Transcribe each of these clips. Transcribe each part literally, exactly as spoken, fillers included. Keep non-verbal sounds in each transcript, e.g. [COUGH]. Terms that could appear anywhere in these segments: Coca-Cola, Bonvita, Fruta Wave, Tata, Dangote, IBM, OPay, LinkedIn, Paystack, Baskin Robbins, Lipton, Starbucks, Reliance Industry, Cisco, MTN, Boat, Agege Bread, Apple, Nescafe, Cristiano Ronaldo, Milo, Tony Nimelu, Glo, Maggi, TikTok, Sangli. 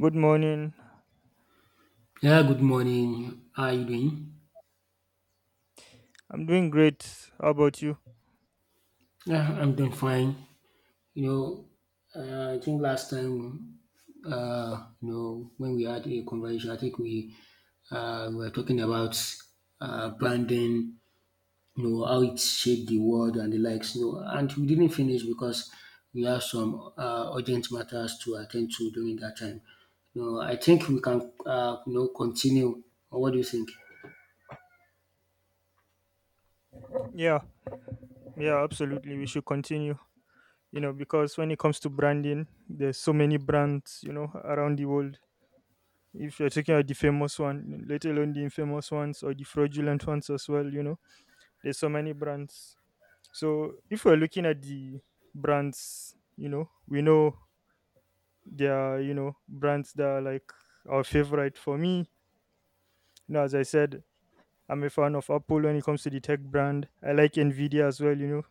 Good morning. Yeah, good morning. How are you doing? I'm doing great. How about you? Yeah, I'm doing fine. You know, uh, I think last time, uh, you know, when we had a conversation, I think we uh, were talking about uh, branding, you know, how it shaped the world and the likes, you know, and we didn't finish because we have some uh, urgent matters to attend to during that time. You know, I think we can, uh, you know, continue. What do you think? Yeah, yeah, absolutely. We should continue, you know, because when it comes to branding, there's so many brands, you know, around the world. If you're talking about the famous one, let alone the infamous ones or the fraudulent ones as well, you know, there's so many brands. So if we're looking at the brands, you know, we know there are, you know, brands that are like our favorite. For me, you know, as I said, I'm a fan of Apple when it comes to the tech brand. I like Nvidia as well, you know.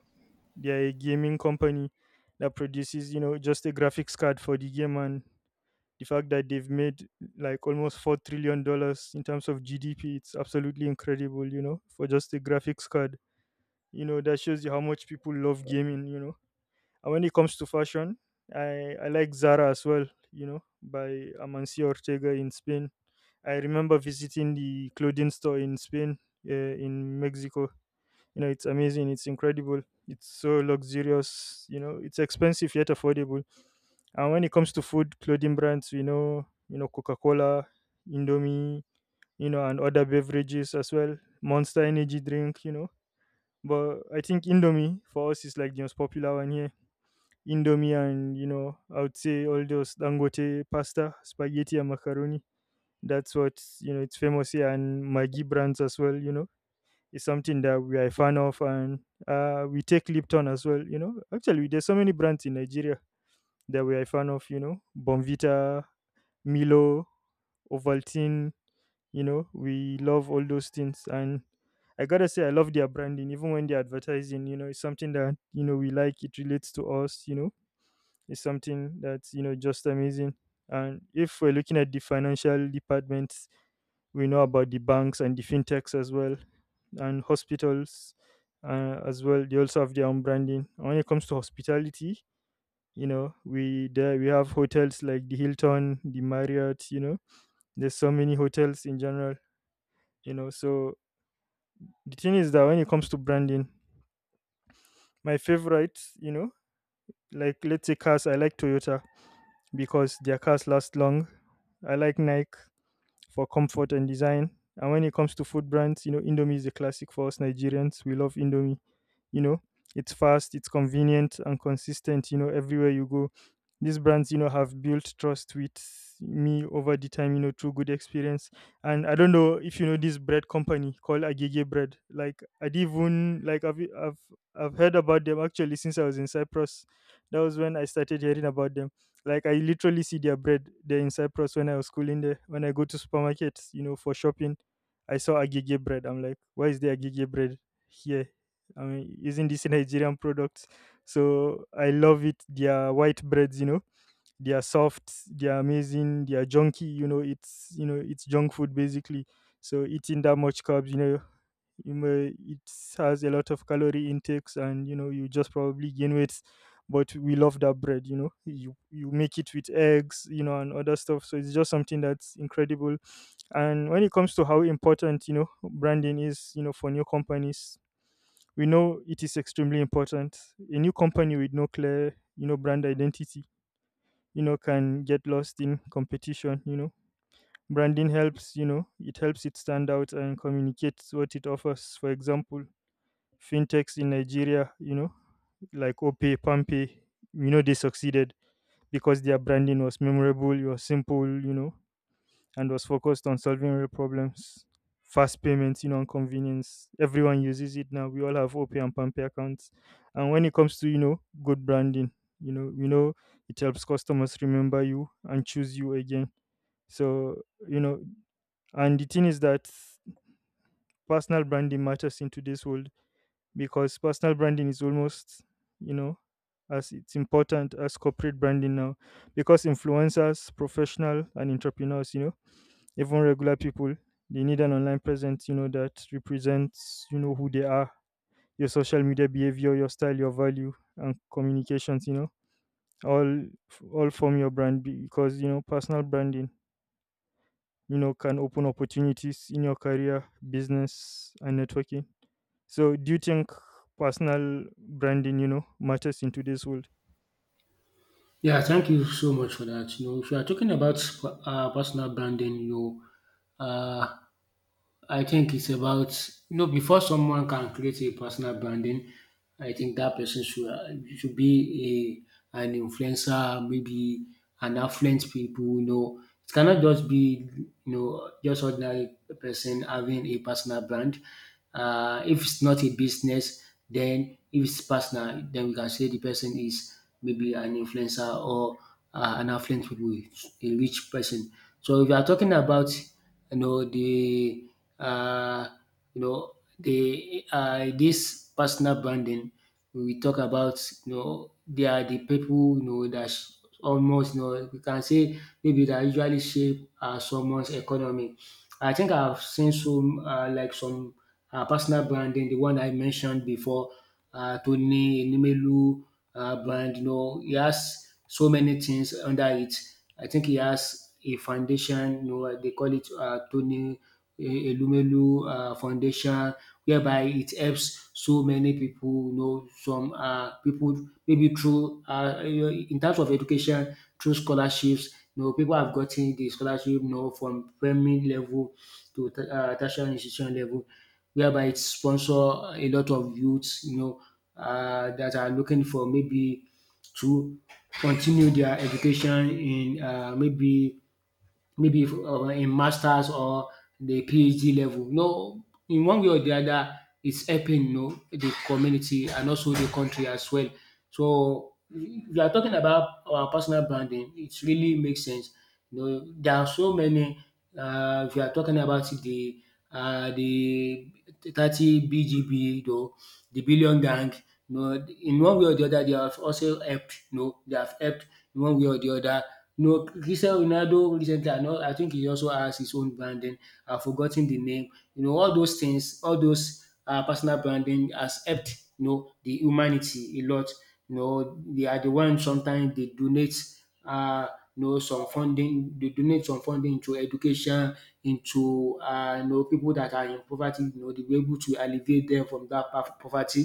They're a gaming company that produces, you know, just a graphics card for the game, and the fact that they've made like almost four trillion dollars in terms of G D P, it's absolutely incredible, you know, for just a graphics card. You know, that shows you how much people love gaming, you know. And when it comes to fashion, I I like Zara as well, you know, by Amancio Ortega in Spain. I remember visiting the clothing store in Spain, uh, in Mexico you know, It's amazing, it's incredible, it's so luxurious, you know, it's expensive yet affordable. And when it comes to food, clothing brands, you know, you know, Coca-Cola, Indomie, you know, and other beverages as well, Monster Energy drink, you know. But I think Indomie for us is like the most popular one here. Indomie, and you know, I would say all those Dangote pasta, spaghetti and macaroni. That's what you know it's famous here, and Maggi brands as well, you know is something that we are a fan of. And uh, we take Lipton as well. You know, actually, there's so many brands in Nigeria that we are a fan of. You know, Bonvita, Milo, Ovaltine. You know, we love all those things, and I gotta say, I love their branding, even when they're advertising. You know, it's something that you know we like. It relates to us. You know, it's something that's you know just amazing. And if we're looking at the financial department, we know about the banks and the fintechs as well, and hospitals uh, as well. They also have their own branding when it comes to hospitality. you know we there we have hotels like the hilton the marriott you know There's so many hotels in general. You know so the thing is that when it comes to branding, my favorite, you know like, let's say cars. I like toyota because their cars last long. I like nike for comfort and design. And when it comes to food brands, you know, Indomie is a classic for us Nigerians. We love Indomie. You know, it's fast, it's convenient and consistent, you know, everywhere you go. These brands, you know, have built trust with me over the time, you know, through good experience. And I don't know if you know this bread company called Agege Bread. Like, I didn't even like, I've I've I've heard about them actually since I was in Cyprus. That was when I started hearing about them. Like, I literally see their bread there in Cyprus when I was schooling there. When I go to supermarkets, you know, for shopping, I saw agege bread. I'm like, why is there agege bread here? I mean, isn't this [LAUGHS] a Nigerian product? So I love it. Their white breads, you know, they are soft, they are amazing, they are junky. You know, it's you know, it's junk food basically. So eating that much carbs, you know, you may, it has a lot of calorie intakes, and you know you just probably gain weight, but we love that bread. you know you you make it with eggs you know and other stuff, so it's just something that's incredible. And when it comes to how important you know branding is, you know for new companies, we know it is extremely important. A new company with no clear you know brand identity you know can get lost in competition. You know branding helps, you know it helps it stand out and communicates what it offers. For example, fintechs in Nigeria, you know, like OPay, PamPay, you know, they succeeded because their branding was memorable, it was simple, you know, and was focused on solving real problems. Fast payments, you know, and convenience. Everyone uses it now. We all have OPay and PamPay accounts. And when it comes to, you know, good branding, you know, you know, it helps customers remember you and choose you again. So, you know, and the thing is that personal branding matters in today's world, because personal branding is almost you know as it's important as corporate branding now, because influencers, professional and entrepreneurs, you know even regular people, they need an online presence you know that represents you know who they are. Your social media behavior, your style, your value and communications, you know all all form your brand, because you know personal branding you know can open opportunities in your career, business and networking. So, do you think personal branding, you know, matters in today's world? Yeah, thank you so much for that. You know, if you are talking about uh, personal branding, you know, uh, I think it's about you know before someone can create a personal branding, I think that person should uh, should be a an influencer, maybe an affluent people. You know, it cannot just be you know just ordinary person having a personal brand. Uh, if it's not a business, then if it's personal, then we can say the person is maybe an influencer or uh, an affluent people, a rich person. So if you are talking about you know the uh, you know the uh, this personal branding we talk about, you know they are the people, you know that sh- almost, you know we can say maybe that usually shape uh, someone's economy. I think I've seen some uh, like some uh, personal branding, the one I mentioned before, uh, Tony Nimelu uh, brand. You know, he has so many things under it. I think he has a foundation. You know, they call it uh, Tony eh, Elumelu um Foundation, whereby it helps so many people. You know some um people, maybe through um in terms of education, through scholarships. You know people have gotten the scholarship, you know from primary level to um tertiary institution level, whereby it sponsor a lot of youths, you know um that are looking for, maybe to continue their education in um maybe maybe um in masters or the PhD level. No, in one way or the other, it's helping, you know the community and also the country as well. So, if you are talking about our personal branding, it really makes sense. You know, there are so many. Uh, if you are talking about the uh, the thirty B G B, though the billion gang, you know, in one way or the other, they have also helped. You know, they have helped in one way or the other. You know, Cristiano Ronaldo recently, I know, I think he also has his own branding. I've forgotten the name. You know, all those things, all those uh, personal branding has helped. You know, the humanity a lot. You know, they are the ones; sometimes they donate, uh, you know some funding, they donate some funding to education, into uh, you know people that are in poverty, you know, they were able to alleviate them from that pa- poverty.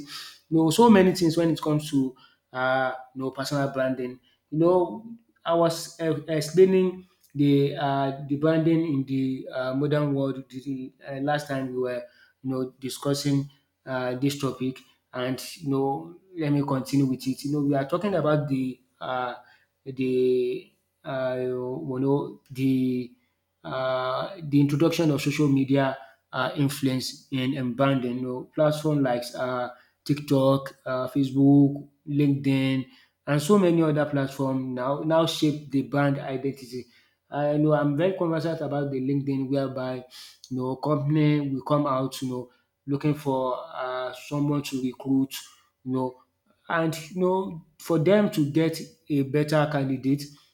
You know, so many things when it comes to uh, you know personal branding. You know, I was uh, explaining the uh, the branding in the uh, modern world, the, the, uh, last time we were, you know, discussing uh, this topic. And, you know, let me continue with it. You know, we are talking about the uh, the uh, you know the uh, the introduction of social media, uh, influence in in branding. You know, platform like uh, TikTok, uh, Facebook, LinkedIn, and so many other platform now now shape the brand identity. I know I'm very conversant about the LinkedIn, whereby, you know, company will come out, you know, looking for uh, someone to recruit, you know, and, you know, for them to get a better candidate, you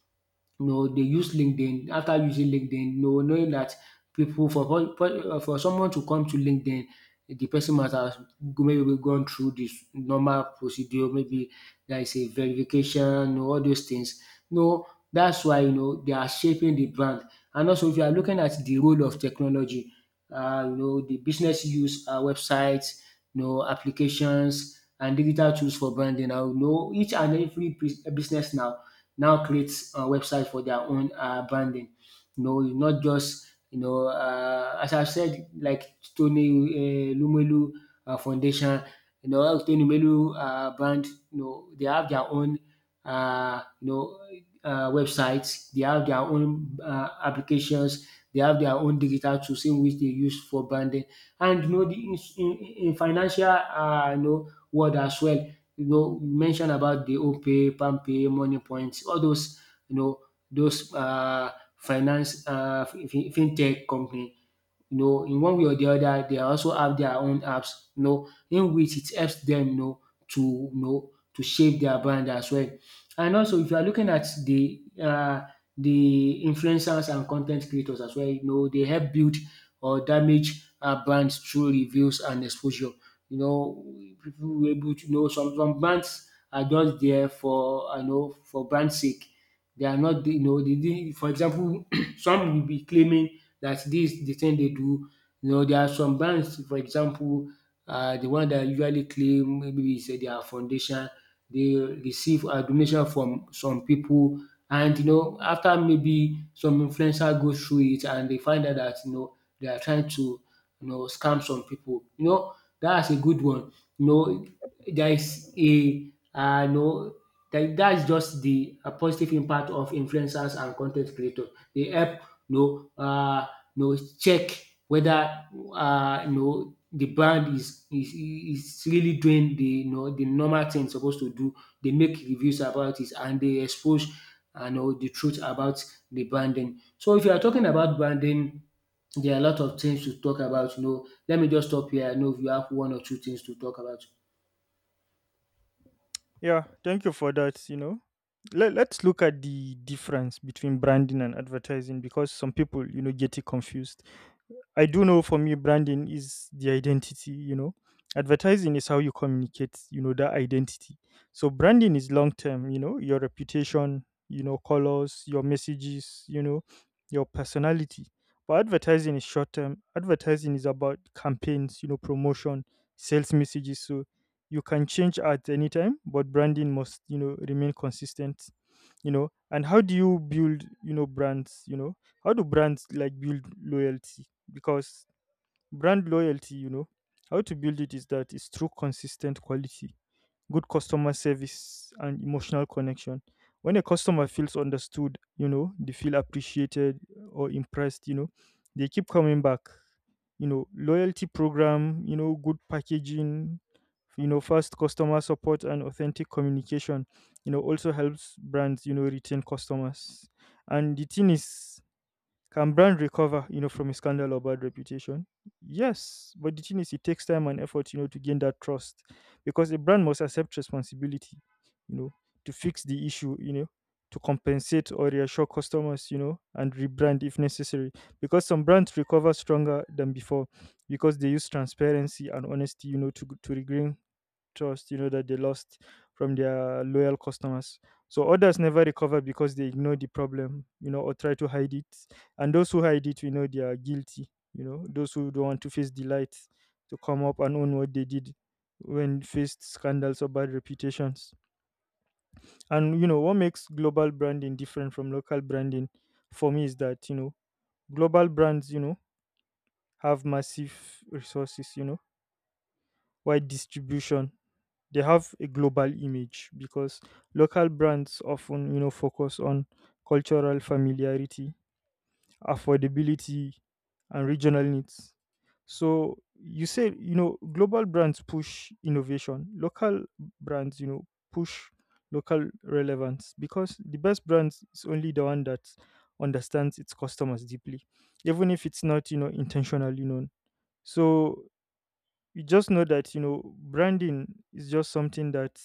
know they use LinkedIn. After using LinkedIn, you know knowing that people, for for for uh, for someone to come to LinkedIn, the person must have go- maybe gone through this normal procedure, maybe there is a verification, you know, all those things, you know that's why, you know they are shaping the brand. And also, if you are looking at the role of technology, uh, you know the business use uh, websites, you know applications and digital tools for branding. I know each and every bus- business now now creates a website for their own uh, branding. You know, it's not just, you know, uh, as I've said, like Tony uh, Lumelu uh, Foundation, you know, Tony Lumelu uh, brand, you know, they have their own, uh, you know, uh, websites. They have their own uh, applications. They have their own digital tools in which they use for branding, and, you know, the, in, in, in financial, uh, you know, world as well, you know, you mentioned about the OPay, PalmPay, Money points, all those, you know, those uh, finance, uh, fin- fintech company, you know, in one way or the other, they also have their own apps, you know, in which it helps them, you know, to you know to shape their brand as well. And also, if you are looking at the uh, the influencers and content creators as well, you know, they help build or damage uh, brands through reviews and exposure. You know, people were able to, you know some some brands are just there for, I know, for brand sake. They are not, you know they didn't, for example, [CLEARS THROAT] some will be claiming that this is the thing they do. You know, there are some brands, for example, uh, the one that usually claim maybe it's uh, their foundation, they receive a donation from some people. And, you know, after, maybe some influencer goes through it and they find out that, you know they are trying to, you know scam some people. You know, that's a good one. You know, there is a uh, you know that that's just the uh, positive impact of influencers and content creators. They help, you know uh, you know, check whether, uh, you know the brand is is is really doing the you know the normal thing it's supposed to do. They make reviews about it and they expose and know the truth about the branding. So if you are talking about branding, there are a lot of things to talk about. You know, let me just stop here. I know you have one or two things to talk about. Yeah, thank you for that. You know, Let, let's look at the difference between branding and advertising, because some people, you know, get it confused. I do know, for me, branding is the identity, you know. Advertising is how you communicate, you know, that identity. So branding is long term, you know, your reputation, you know, colors, your messages, you know, your personality. But advertising is short term. Advertising is about campaigns, you know, promotion, sales messages. So you can change at any time, but branding must, you know, remain consistent, you know. And how do you build, you know, brands, you know? How do brands like build loyalty? Because brand loyalty, you know, how to build it is that it's through consistent quality, good customer service, and emotional connection. When a customer feels understood, you know, they feel appreciated or impressed, you know, they keep coming back. You know, loyalty program, you know, good packaging, you know, fast customer support and authentic communication, you know, also helps brands, you know, retain customers. And the thing is, can brand recover, you know, from a scandal or bad reputation? Yes, but the thing is, it takes time and effort, you know, to gain that trust, because a brand must accept responsibility, you know, to fix the issue, you know, to compensate or reassure customers, you know, and rebrand if necessary, because some brands recover stronger than before, because they use transparency and honesty, you know, to to regain trust you know that they lost from their loyal customers. So others never recover because they ignore the problem, you know or try to hide it, and those who hide it, we know they are guilty. You know those who don't want to face the light to come up and own what they did when faced scandals or bad reputations. And you know what makes global branding different from local branding, for me, is that you know global brands, you know have massive resources, you know wide distribution, they have a global image, because local brands often you know focus on cultural familiarity, affordability, and regional needs. So you say, you know global brands push innovation, local brands, you know push local relevance, because the best brands is only the one that understands its customers deeply, even if it's not you know intentionally known. So you just know that, you know branding is just something that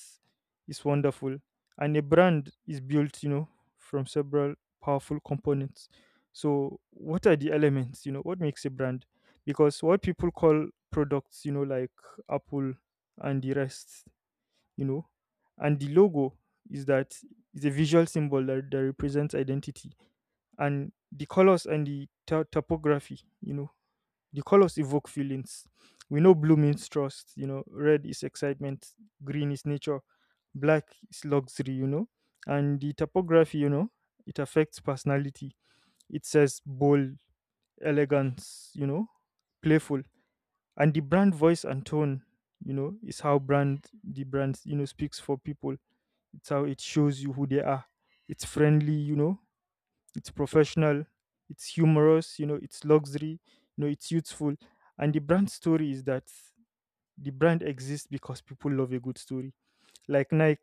is wonderful, and a brand is built, you know from several powerful components. So what are the elements, you know what makes a brand? Because what people call products, you know like Apple and the rest, you know and the logo, is that is a visual symbol that, that represents identity. And the colors and the to- topography, you know the colors evoke feelings. We know blue means trust, you know, red is excitement, green is nature, black is luxury, you know. And the typography, you know, it affects personality. It says bold, elegance, you know, playful. And the brand voice and tone, you know, is how brand the brand, you know, speaks for people. It's how it shows you who they are. It's friendly, you know, it's professional, it's humorous, you know it's luxury, you know it's youthful. And the brand story is that the brand exists because people love a good story, like Nike.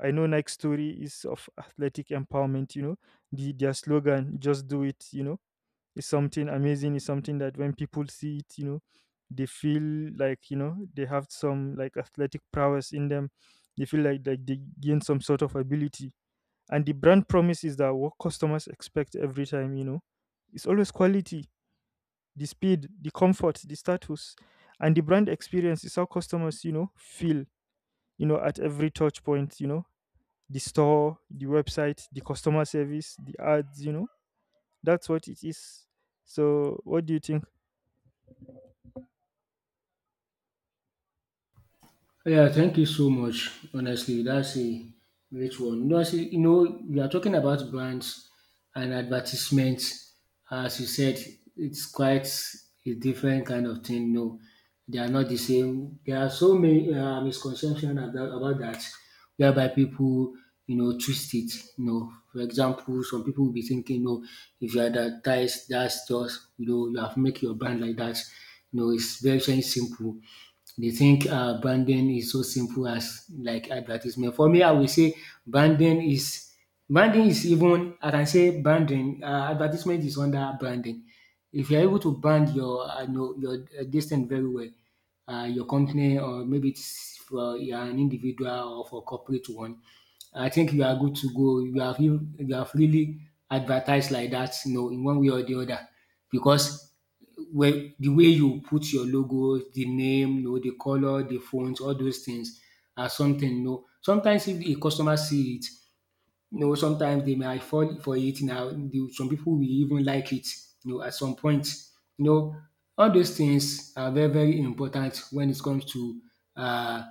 I know Nike's story is of athletic empowerment, you know the their slogan, just do it, you know is something amazing, is something that when people see it you know they feel like, you know they have some like athletic prowess in them. They feel like, like they gain some sort of ability. And the brand promise is that what customers expect every time, you know it's always quality, the speed, the comfort, the status. And the brand experience is how customers, you know feel, you know at every touch point, you know the store, the website, the customer service, the ads, you know that's what it is. So what do you think? Yeah, thank you so much. Honestly, that's a great one. You know, I say, you know, we are talking about brands and advertisements. As you said, it's quite a different kind of thing. No, they are not the same. There are so many uh, misconceptions about, about that, whereby people, you know, twist it. You know, for example, some people will be thinking, no, if you advertise, that's just, you know, you have make your brand like that. You know, it's very, very simple, they think uh, branding is so simple as like advertisement. For me, I will say, branding is branding is even I can say branding, uh, advertisement is under branding. If you're able to brand your uh, know, your uh, distance very well, uh, your company, or maybe it's for, you're an individual or for corporate one, I think you are good to go. You have you have really advertised like that, you know, in one way or the other, because where the way you put your logo, the name, you know, the color, the font, all those things are something, you know. Sometimes if a customer see it, you know, sometimes they might fall for it now. The- Some people will even like it, you know, at some point. You know, all those things are very, very important when it comes to uh,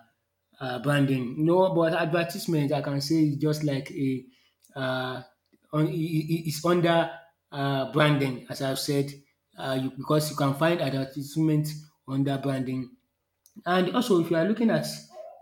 uh, branding. No, but advertisement, I can say, is just like a uh, on, I- I- it's under uh, branding, as I've said, uh, you, because you can find advertisement under branding. And also, if you are looking at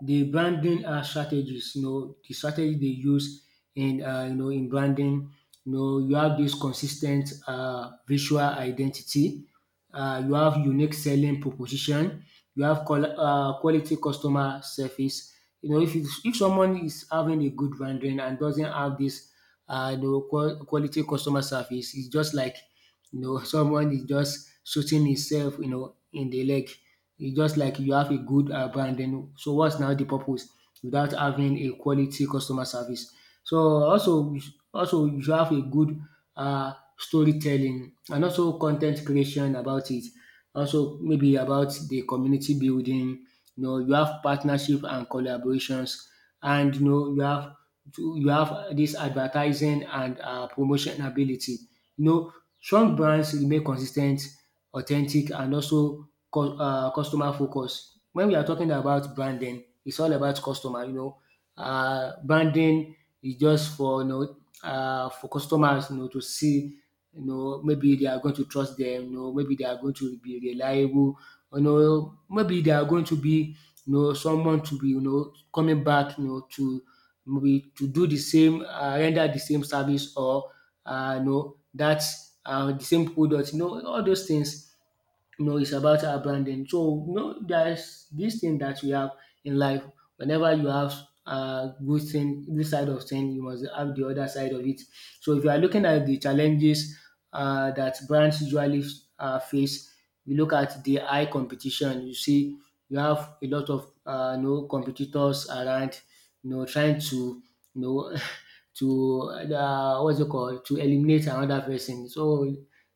the branding uh, strategies, you know, the strategy they use in, uh, you know, in branding, you know, you have this consistent uh, visual identity, uh, you have unique selling proposition, you have qual- uh, quality customer service. You know, if it's, if someone is having a good branding and doesn't have this, uh, you know, qual- quality customer service, it's just like, you know [LAUGHS] someone is just shooting himself, you know in the leg. It's just like you have a good um brand, then so what's now the purpose without having a quality customer service. So also you sh- also you should have a good um storytelling, and also content creation about it. Also maybe about the community building, you know you have partnership and collaborations, and you know you have to, you have this advertising and um promotion ability. You know Strong brands remain consistent, authentic and also co uh customer focus. When we are talking about branding, it's all about customer, you know. Uh, branding is just for you know uh for customers, you know, to see. You know, maybe they are going to trust them, you know, maybe they are going to be reliable, you know, maybe they are going to be, you know, someone to be, you know, coming back, you know, to maybe to do the same, uh render the same service or uh you know that um the same product. You know, all those things, you know, it's about our branding. So, you know, there's this thing that we have in life. Whenever you have a good thing, this side of thing, you must have the other side of it. So, if you are looking at the challenges uh, that brands usually uh, face, you look at the high competition. You see, you have a lot of uh, you know, competitors around, you know, trying to, you know, [LAUGHS] to uh, what's it called, to eliminate another person. So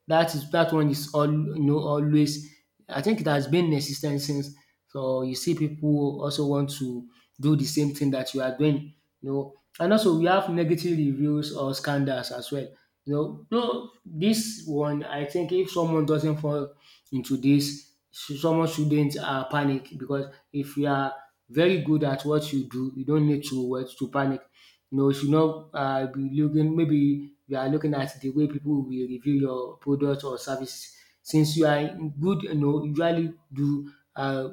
that is that one is all, you know, always. I think it has been in existence since. So you see people also want to do the same thing that you are doing, you know. And also we have negative reviews or scandals as well. You know, no, this one, I think if someone doesn't fall into this, sh- someone shouldn't uh, panic, because if you are very good at what you do, you don't need to what to panic. You know, you should not uh, be looking. Maybe you are looking at the way people will review your product or service. Since you are good, you know, usually do uh,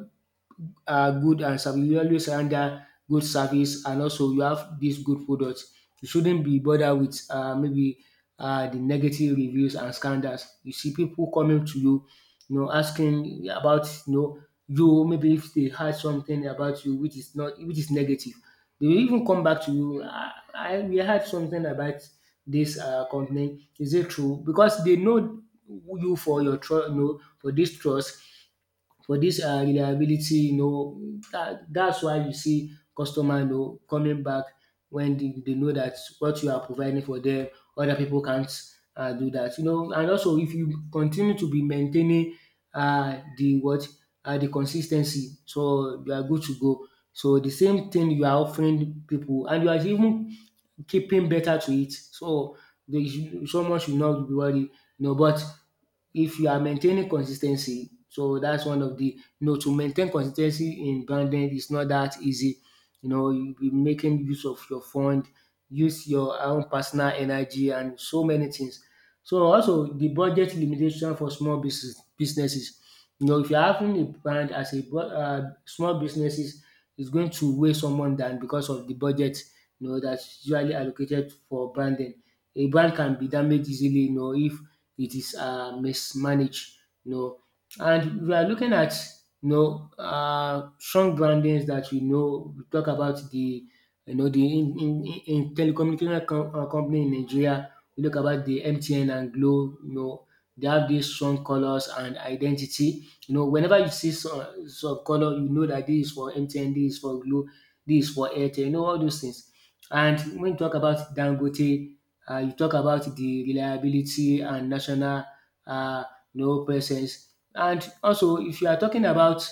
uh, good and service. You always render good service, and also you have this good product. You shouldn't be bothered with uh, maybe uh, the negative reviews and scandals. You see people coming to you, you know, asking about, you know, you, maybe if they heard something about you which is not which is negative, they will even come back to you. I, I We heard something about this uh, company. Is it true? Because they know you for your trust, you know, for this trust, for this uh reliability, you know. That that's why you see customer, you know, coming back, when they they know that what you are providing for them, other people can't uh do that, you know. And also, if you continue to be maintaining uh the what uh the consistency, so you are good to go. So the same thing you are offering people, and you are even keeping better to it. So they should, someone should not be worried, you know. But if you are maintaining consistency, so that's one of the, you know. To maintain consistency in branding is not that easy. You know, you be making use of your fund, use your own personal energy, and so many things. So also the budget limitation for small business businesses. You know, if you're having a brand as a bu- uh, small businesses, it's going to weigh someone down because of the budget, you know, that's usually allocated for branding. A brand can be damaged easily, you know, if it is uh, mismanaged, you know. And we are looking at, you know, uh, strong brandings that we know. We talk about the, you know, the in, in, in telecommunication com- uh, company in Nigeria. We look about the M T N and Glo. You know, they have these strong colors and identity. You know, whenever you see some, some color, you know that this is for M T N, this is for Glo, this is for Airtel, you know, all those things. And when you talk about Dangote, uh, you talk about the reliability and national uh, you know, presence. And also, if you are talking about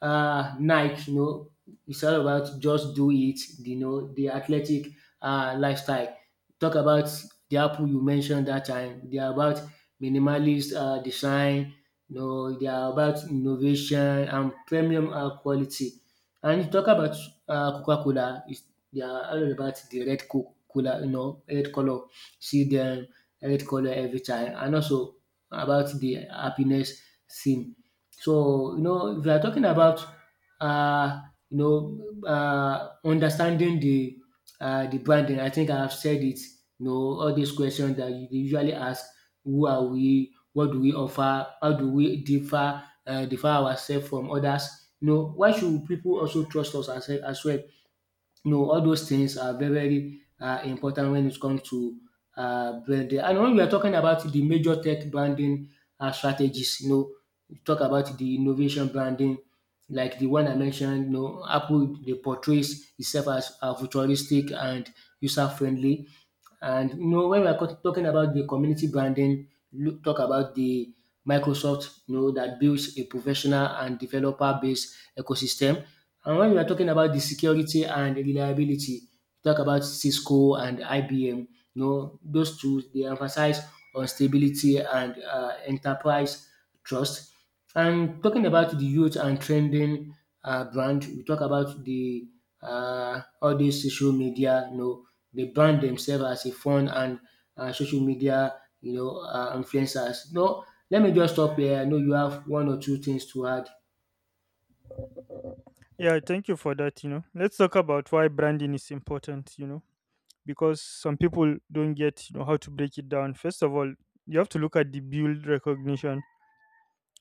uh, Nike, you know, it's all about just do it, you know, the athletic uh, lifestyle. Talk about the Apple you mentioned that time. They are about minimalist uh, design, you know, they are about innovation and premium uh, quality. And you talk about uh, Coca-Cola, they are all about the red co- cooler, you know, red color. See them red color every time, and also about the happiness theme. So you know, if you are talking about uh, you know uh, understanding the uh, the branding, I think I have said it. You know, all these questions that you they usually ask: Who are we? What do we offer? How do we differ uh, differ ourselves from others? You know, why should people also trust us as, as well? You know, all those things are very, very uh, important when it comes to uh, branding. And when we are talking about the major tech branding uh, strategies, you know, we talk about the innovation branding, like the one I mentioned, you know, Apple. They portrays itself as uh, futuristic and user friendly. And you know, when we are co- talking about the community branding, look, talk about the Microsoft, you know, that builds a professional and developer based ecosystem. And when we are talking about the security and reliability, we talk about Cisco and I B M. You know, those two they emphasize on stability and uh, enterprise trust. And talking about the youth and trending uh, brand, we talk about the uh, all these social media. You know, they brand themselves as a fun and uh, social media. You know, uh, influencers. No, let me just stop here. I know you have one or two things to add. Yeah, thank you for that. you know let's talk about why branding is important, you know because some people don't get, you know, how to break it down. First of all, you have to look at the build recognition,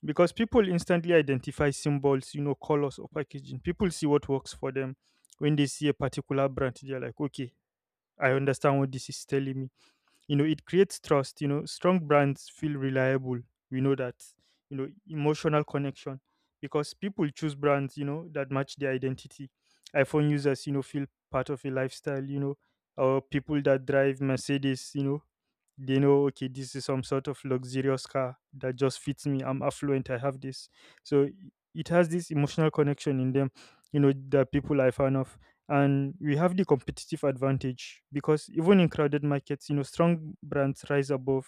because people instantly identify symbols, you know, colors or packaging. People see what works for them when they see a particular brand. They're like, okay, I understand what this is telling me you know It creates trust. you know strong brands feel reliable, we know that. you know emotional connection, because people choose brands, you know that match their identity. iPhone users, you know feel part of a lifestyle, you know or people that drive Mercedes, you know they know, okay, this is some sort of luxurious car that just fits me. I'm affluent, I have this. so i- it has this emotional connection in them, you know that people are a fan of. And we have the competitive advantage, because even in crowded markets, you know strong brands rise above.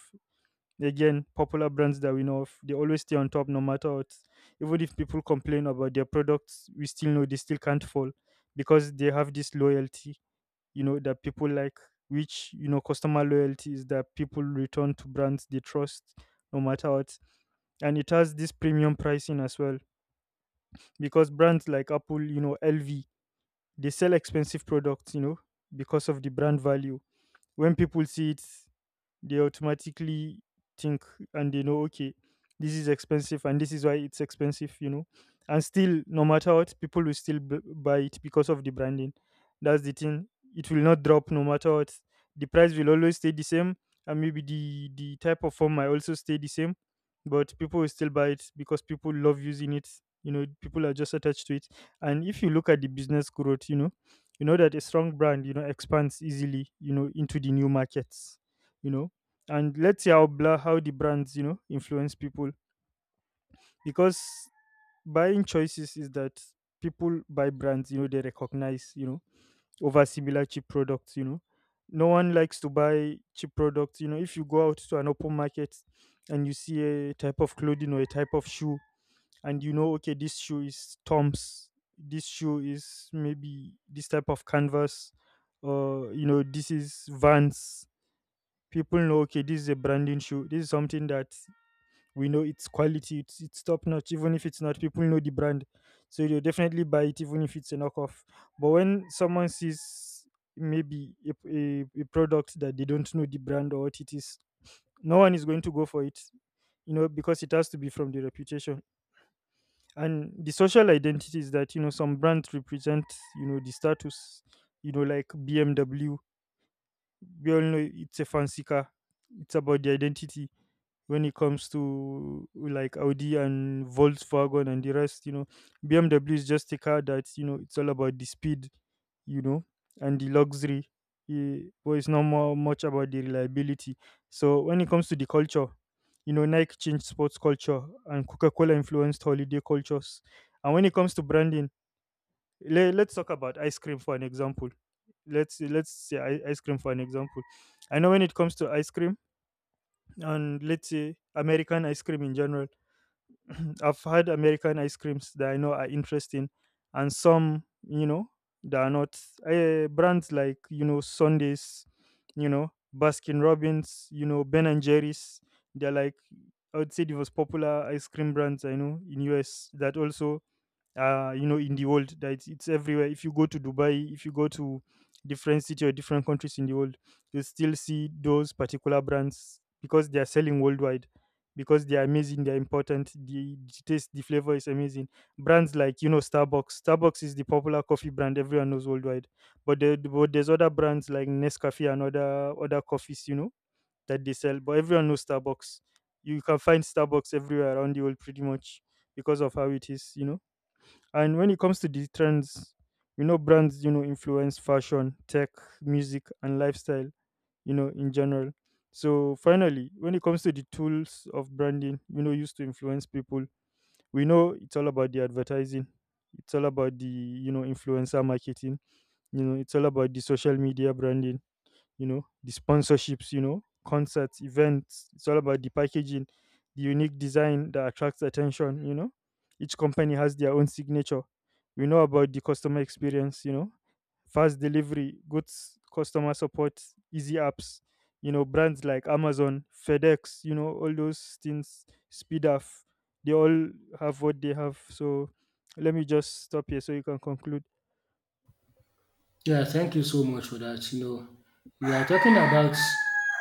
Again, popular brands that we know of, they always stay on top no matter what. Even if people complain about their products, we still know they still can't fall, because they have this loyalty, you know that people like, which, you know customer loyalty is that people return to brands they trust, no matter what. And it has this premium pricing as well, because brands like Apple, you know LV, they sell expensive products, you know because of the brand value. When people see it, they automatically think, and they know, okay, this is expensive, and this is why it's expensive, you know and still, no matter what, people will still b- buy it because of the branding. That's the thing. It will not drop no matter what. The price will always stay the same, and maybe the the type of form might also stay the same, but people will still buy it because people love using it. you know people are just attached to it. And if you look at the business growth, you know you know that a strong brand, you know expands easily, you know into the new markets, you know and let's see how bla how the brands, you know influence people. Because buying choices is that people buy brands, you know they recognize, you know over similar cheap products, you know no one likes to buy cheap products. you know if you go out to an open market and you see a type of clothing or a type of shoe, and you know, okay, this shoe is Toms, this shoe is maybe this type of canvas, or, you know this is Vans, people know, okay, this is a branding shoe. This is something that we know it's quality. It's, it's top notch. Even if it's not, people know the brand, so they'll definitely buy it even if it's a knockoff. But when someone sees maybe a, a, a product that they don't know the brand or what it is, no one is going to go for it, you know because it has to be from the reputation. And the social identity is that, you know some brands represent, you know the status, you know like BMW. We all know it's a fancy car. It's about the identity. When it comes to like Audi and Volkswagen and the rest, you know, B M W is just a car that, you know, it's all about the speed, you know, and the luxury. eh, But it's not more much about the reliability. So when it comes to the culture, you know, Nike changed sports culture, and Coca-Cola influenced holiday cultures. And when it comes to branding, le- let's talk about ice cream for an example. Let's let's say i- ice cream for an example. I know when it comes to ice cream, and let's say American ice cream in general. [CLEARS THROAT] I've had American ice creams that I know are interesting, and some, you know that are not, uh, brands like, you know Sundays, you know Baskin Robbins, you know Ben and Jerry's. They're like, I would say the most popular ice cream brands I know in U S, that also, uh you know in the world, that it's, it's everywhere. If you go to Dubai, if you go to different city or different countries in the world, you still see those particular brands, because they are selling worldwide, because they are amazing, they're important. The, the taste, the flavor is amazing. Brands like, you know Starbucks. Starbucks is the popular coffee brand everyone knows worldwide. But, there, but there's other brands like nescafe and other other coffees, you know that they sell, but everyone knows Starbucks. You can find Starbucks everywhere around the world, pretty much, because of how it is, you know and when it comes to the trends, you know, brands, you know, influence fashion, tech, music, and lifestyle, you know, in general. So finally, when it comes to the tools of branding, you know, used to influence people, we know it's all about the advertising. It's all about the, you know, influencer marketing. You know, it's all about the social media branding, you know the sponsorships, you know concerts, events. It's all about the packaging, the unique design that attracts attention, you know each company has their own signature. We know about the customer experience, you know fast delivery, goods, customer support, easy apps. you know brands like Amazon, FedEx, you know all those things speed up, they all have what they have. So let me just stop here so you can conclude. Yeah, thank you so much for that. You know, we are talking about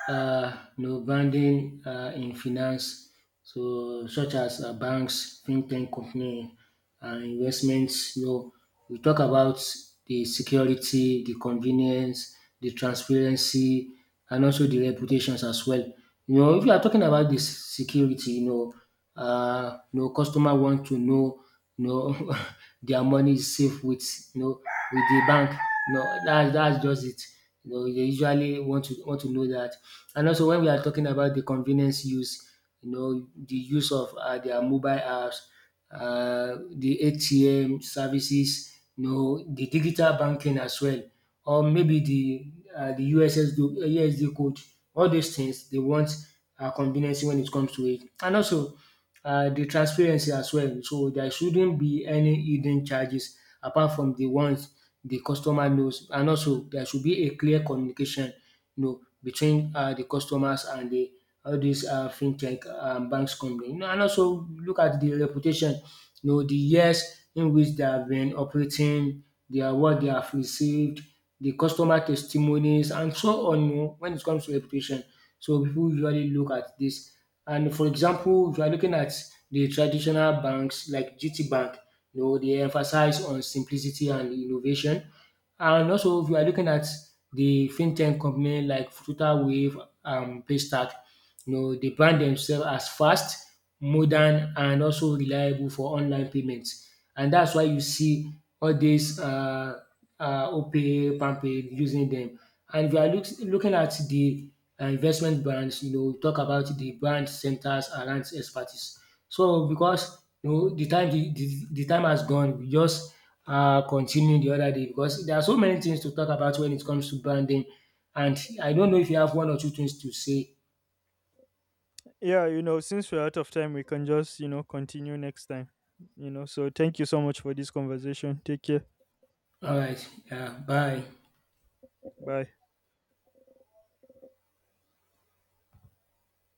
uh, you know, branding uh, in finance, so such as uh, banks, fintech company, and investments. You know, we talk about the security, the convenience, the transparency, and also the reputations as well. You know, if you are talking about this security, you know, uh, you know, customer want to know, you know, [LAUGHS] their money is safe with, you know, with the bank. You know, that's that's just it. You know, they usually want to want to know that. And also when we are talking about the convenience use, you know, the use of uh, their mobile apps, uh, the A T M services, you know, the digital banking as well, or maybe the uh, the U S S D, uh, code. All those things they want uh, convenience when it comes to it. And also uh, the transparency as well. So there shouldn't be any hidden charges apart from the ones the customer knows. And also there should be a clear communication, you know, between uh, the customers and the all these uh, fintech um, banks company. You know, and also look at the reputation, you know, the years in which they have been operating, their what they have received, the customer testimonies, and so on. You know, when it comes to reputation, so people usually look at this. And for example, if you are looking at the traditional banks like G T Bank. You know, they emphasize on simplicity and innovation. And also, if you are looking at the fintech company like Fruta Wave and Paystack, you know, they brand themselves as fast, modern, and also reliable for online payments. And that's why you see all these. Uh, uh, OPay, PalmPay using them. And if you are look, looking at the uh, investment brands, you know, talk about the brand centers around expertise. So because you know the time, the, the, the time has gone, we just uh, continue the other day, because there are so many things to talk about when it comes to branding. And I don't know if you have one or two things to say. Yeah, you know, since we're out of time, we can just, you know, continue next time. You know, so thank you so much for this conversation. Take care. All right, yeah, bye. Bye.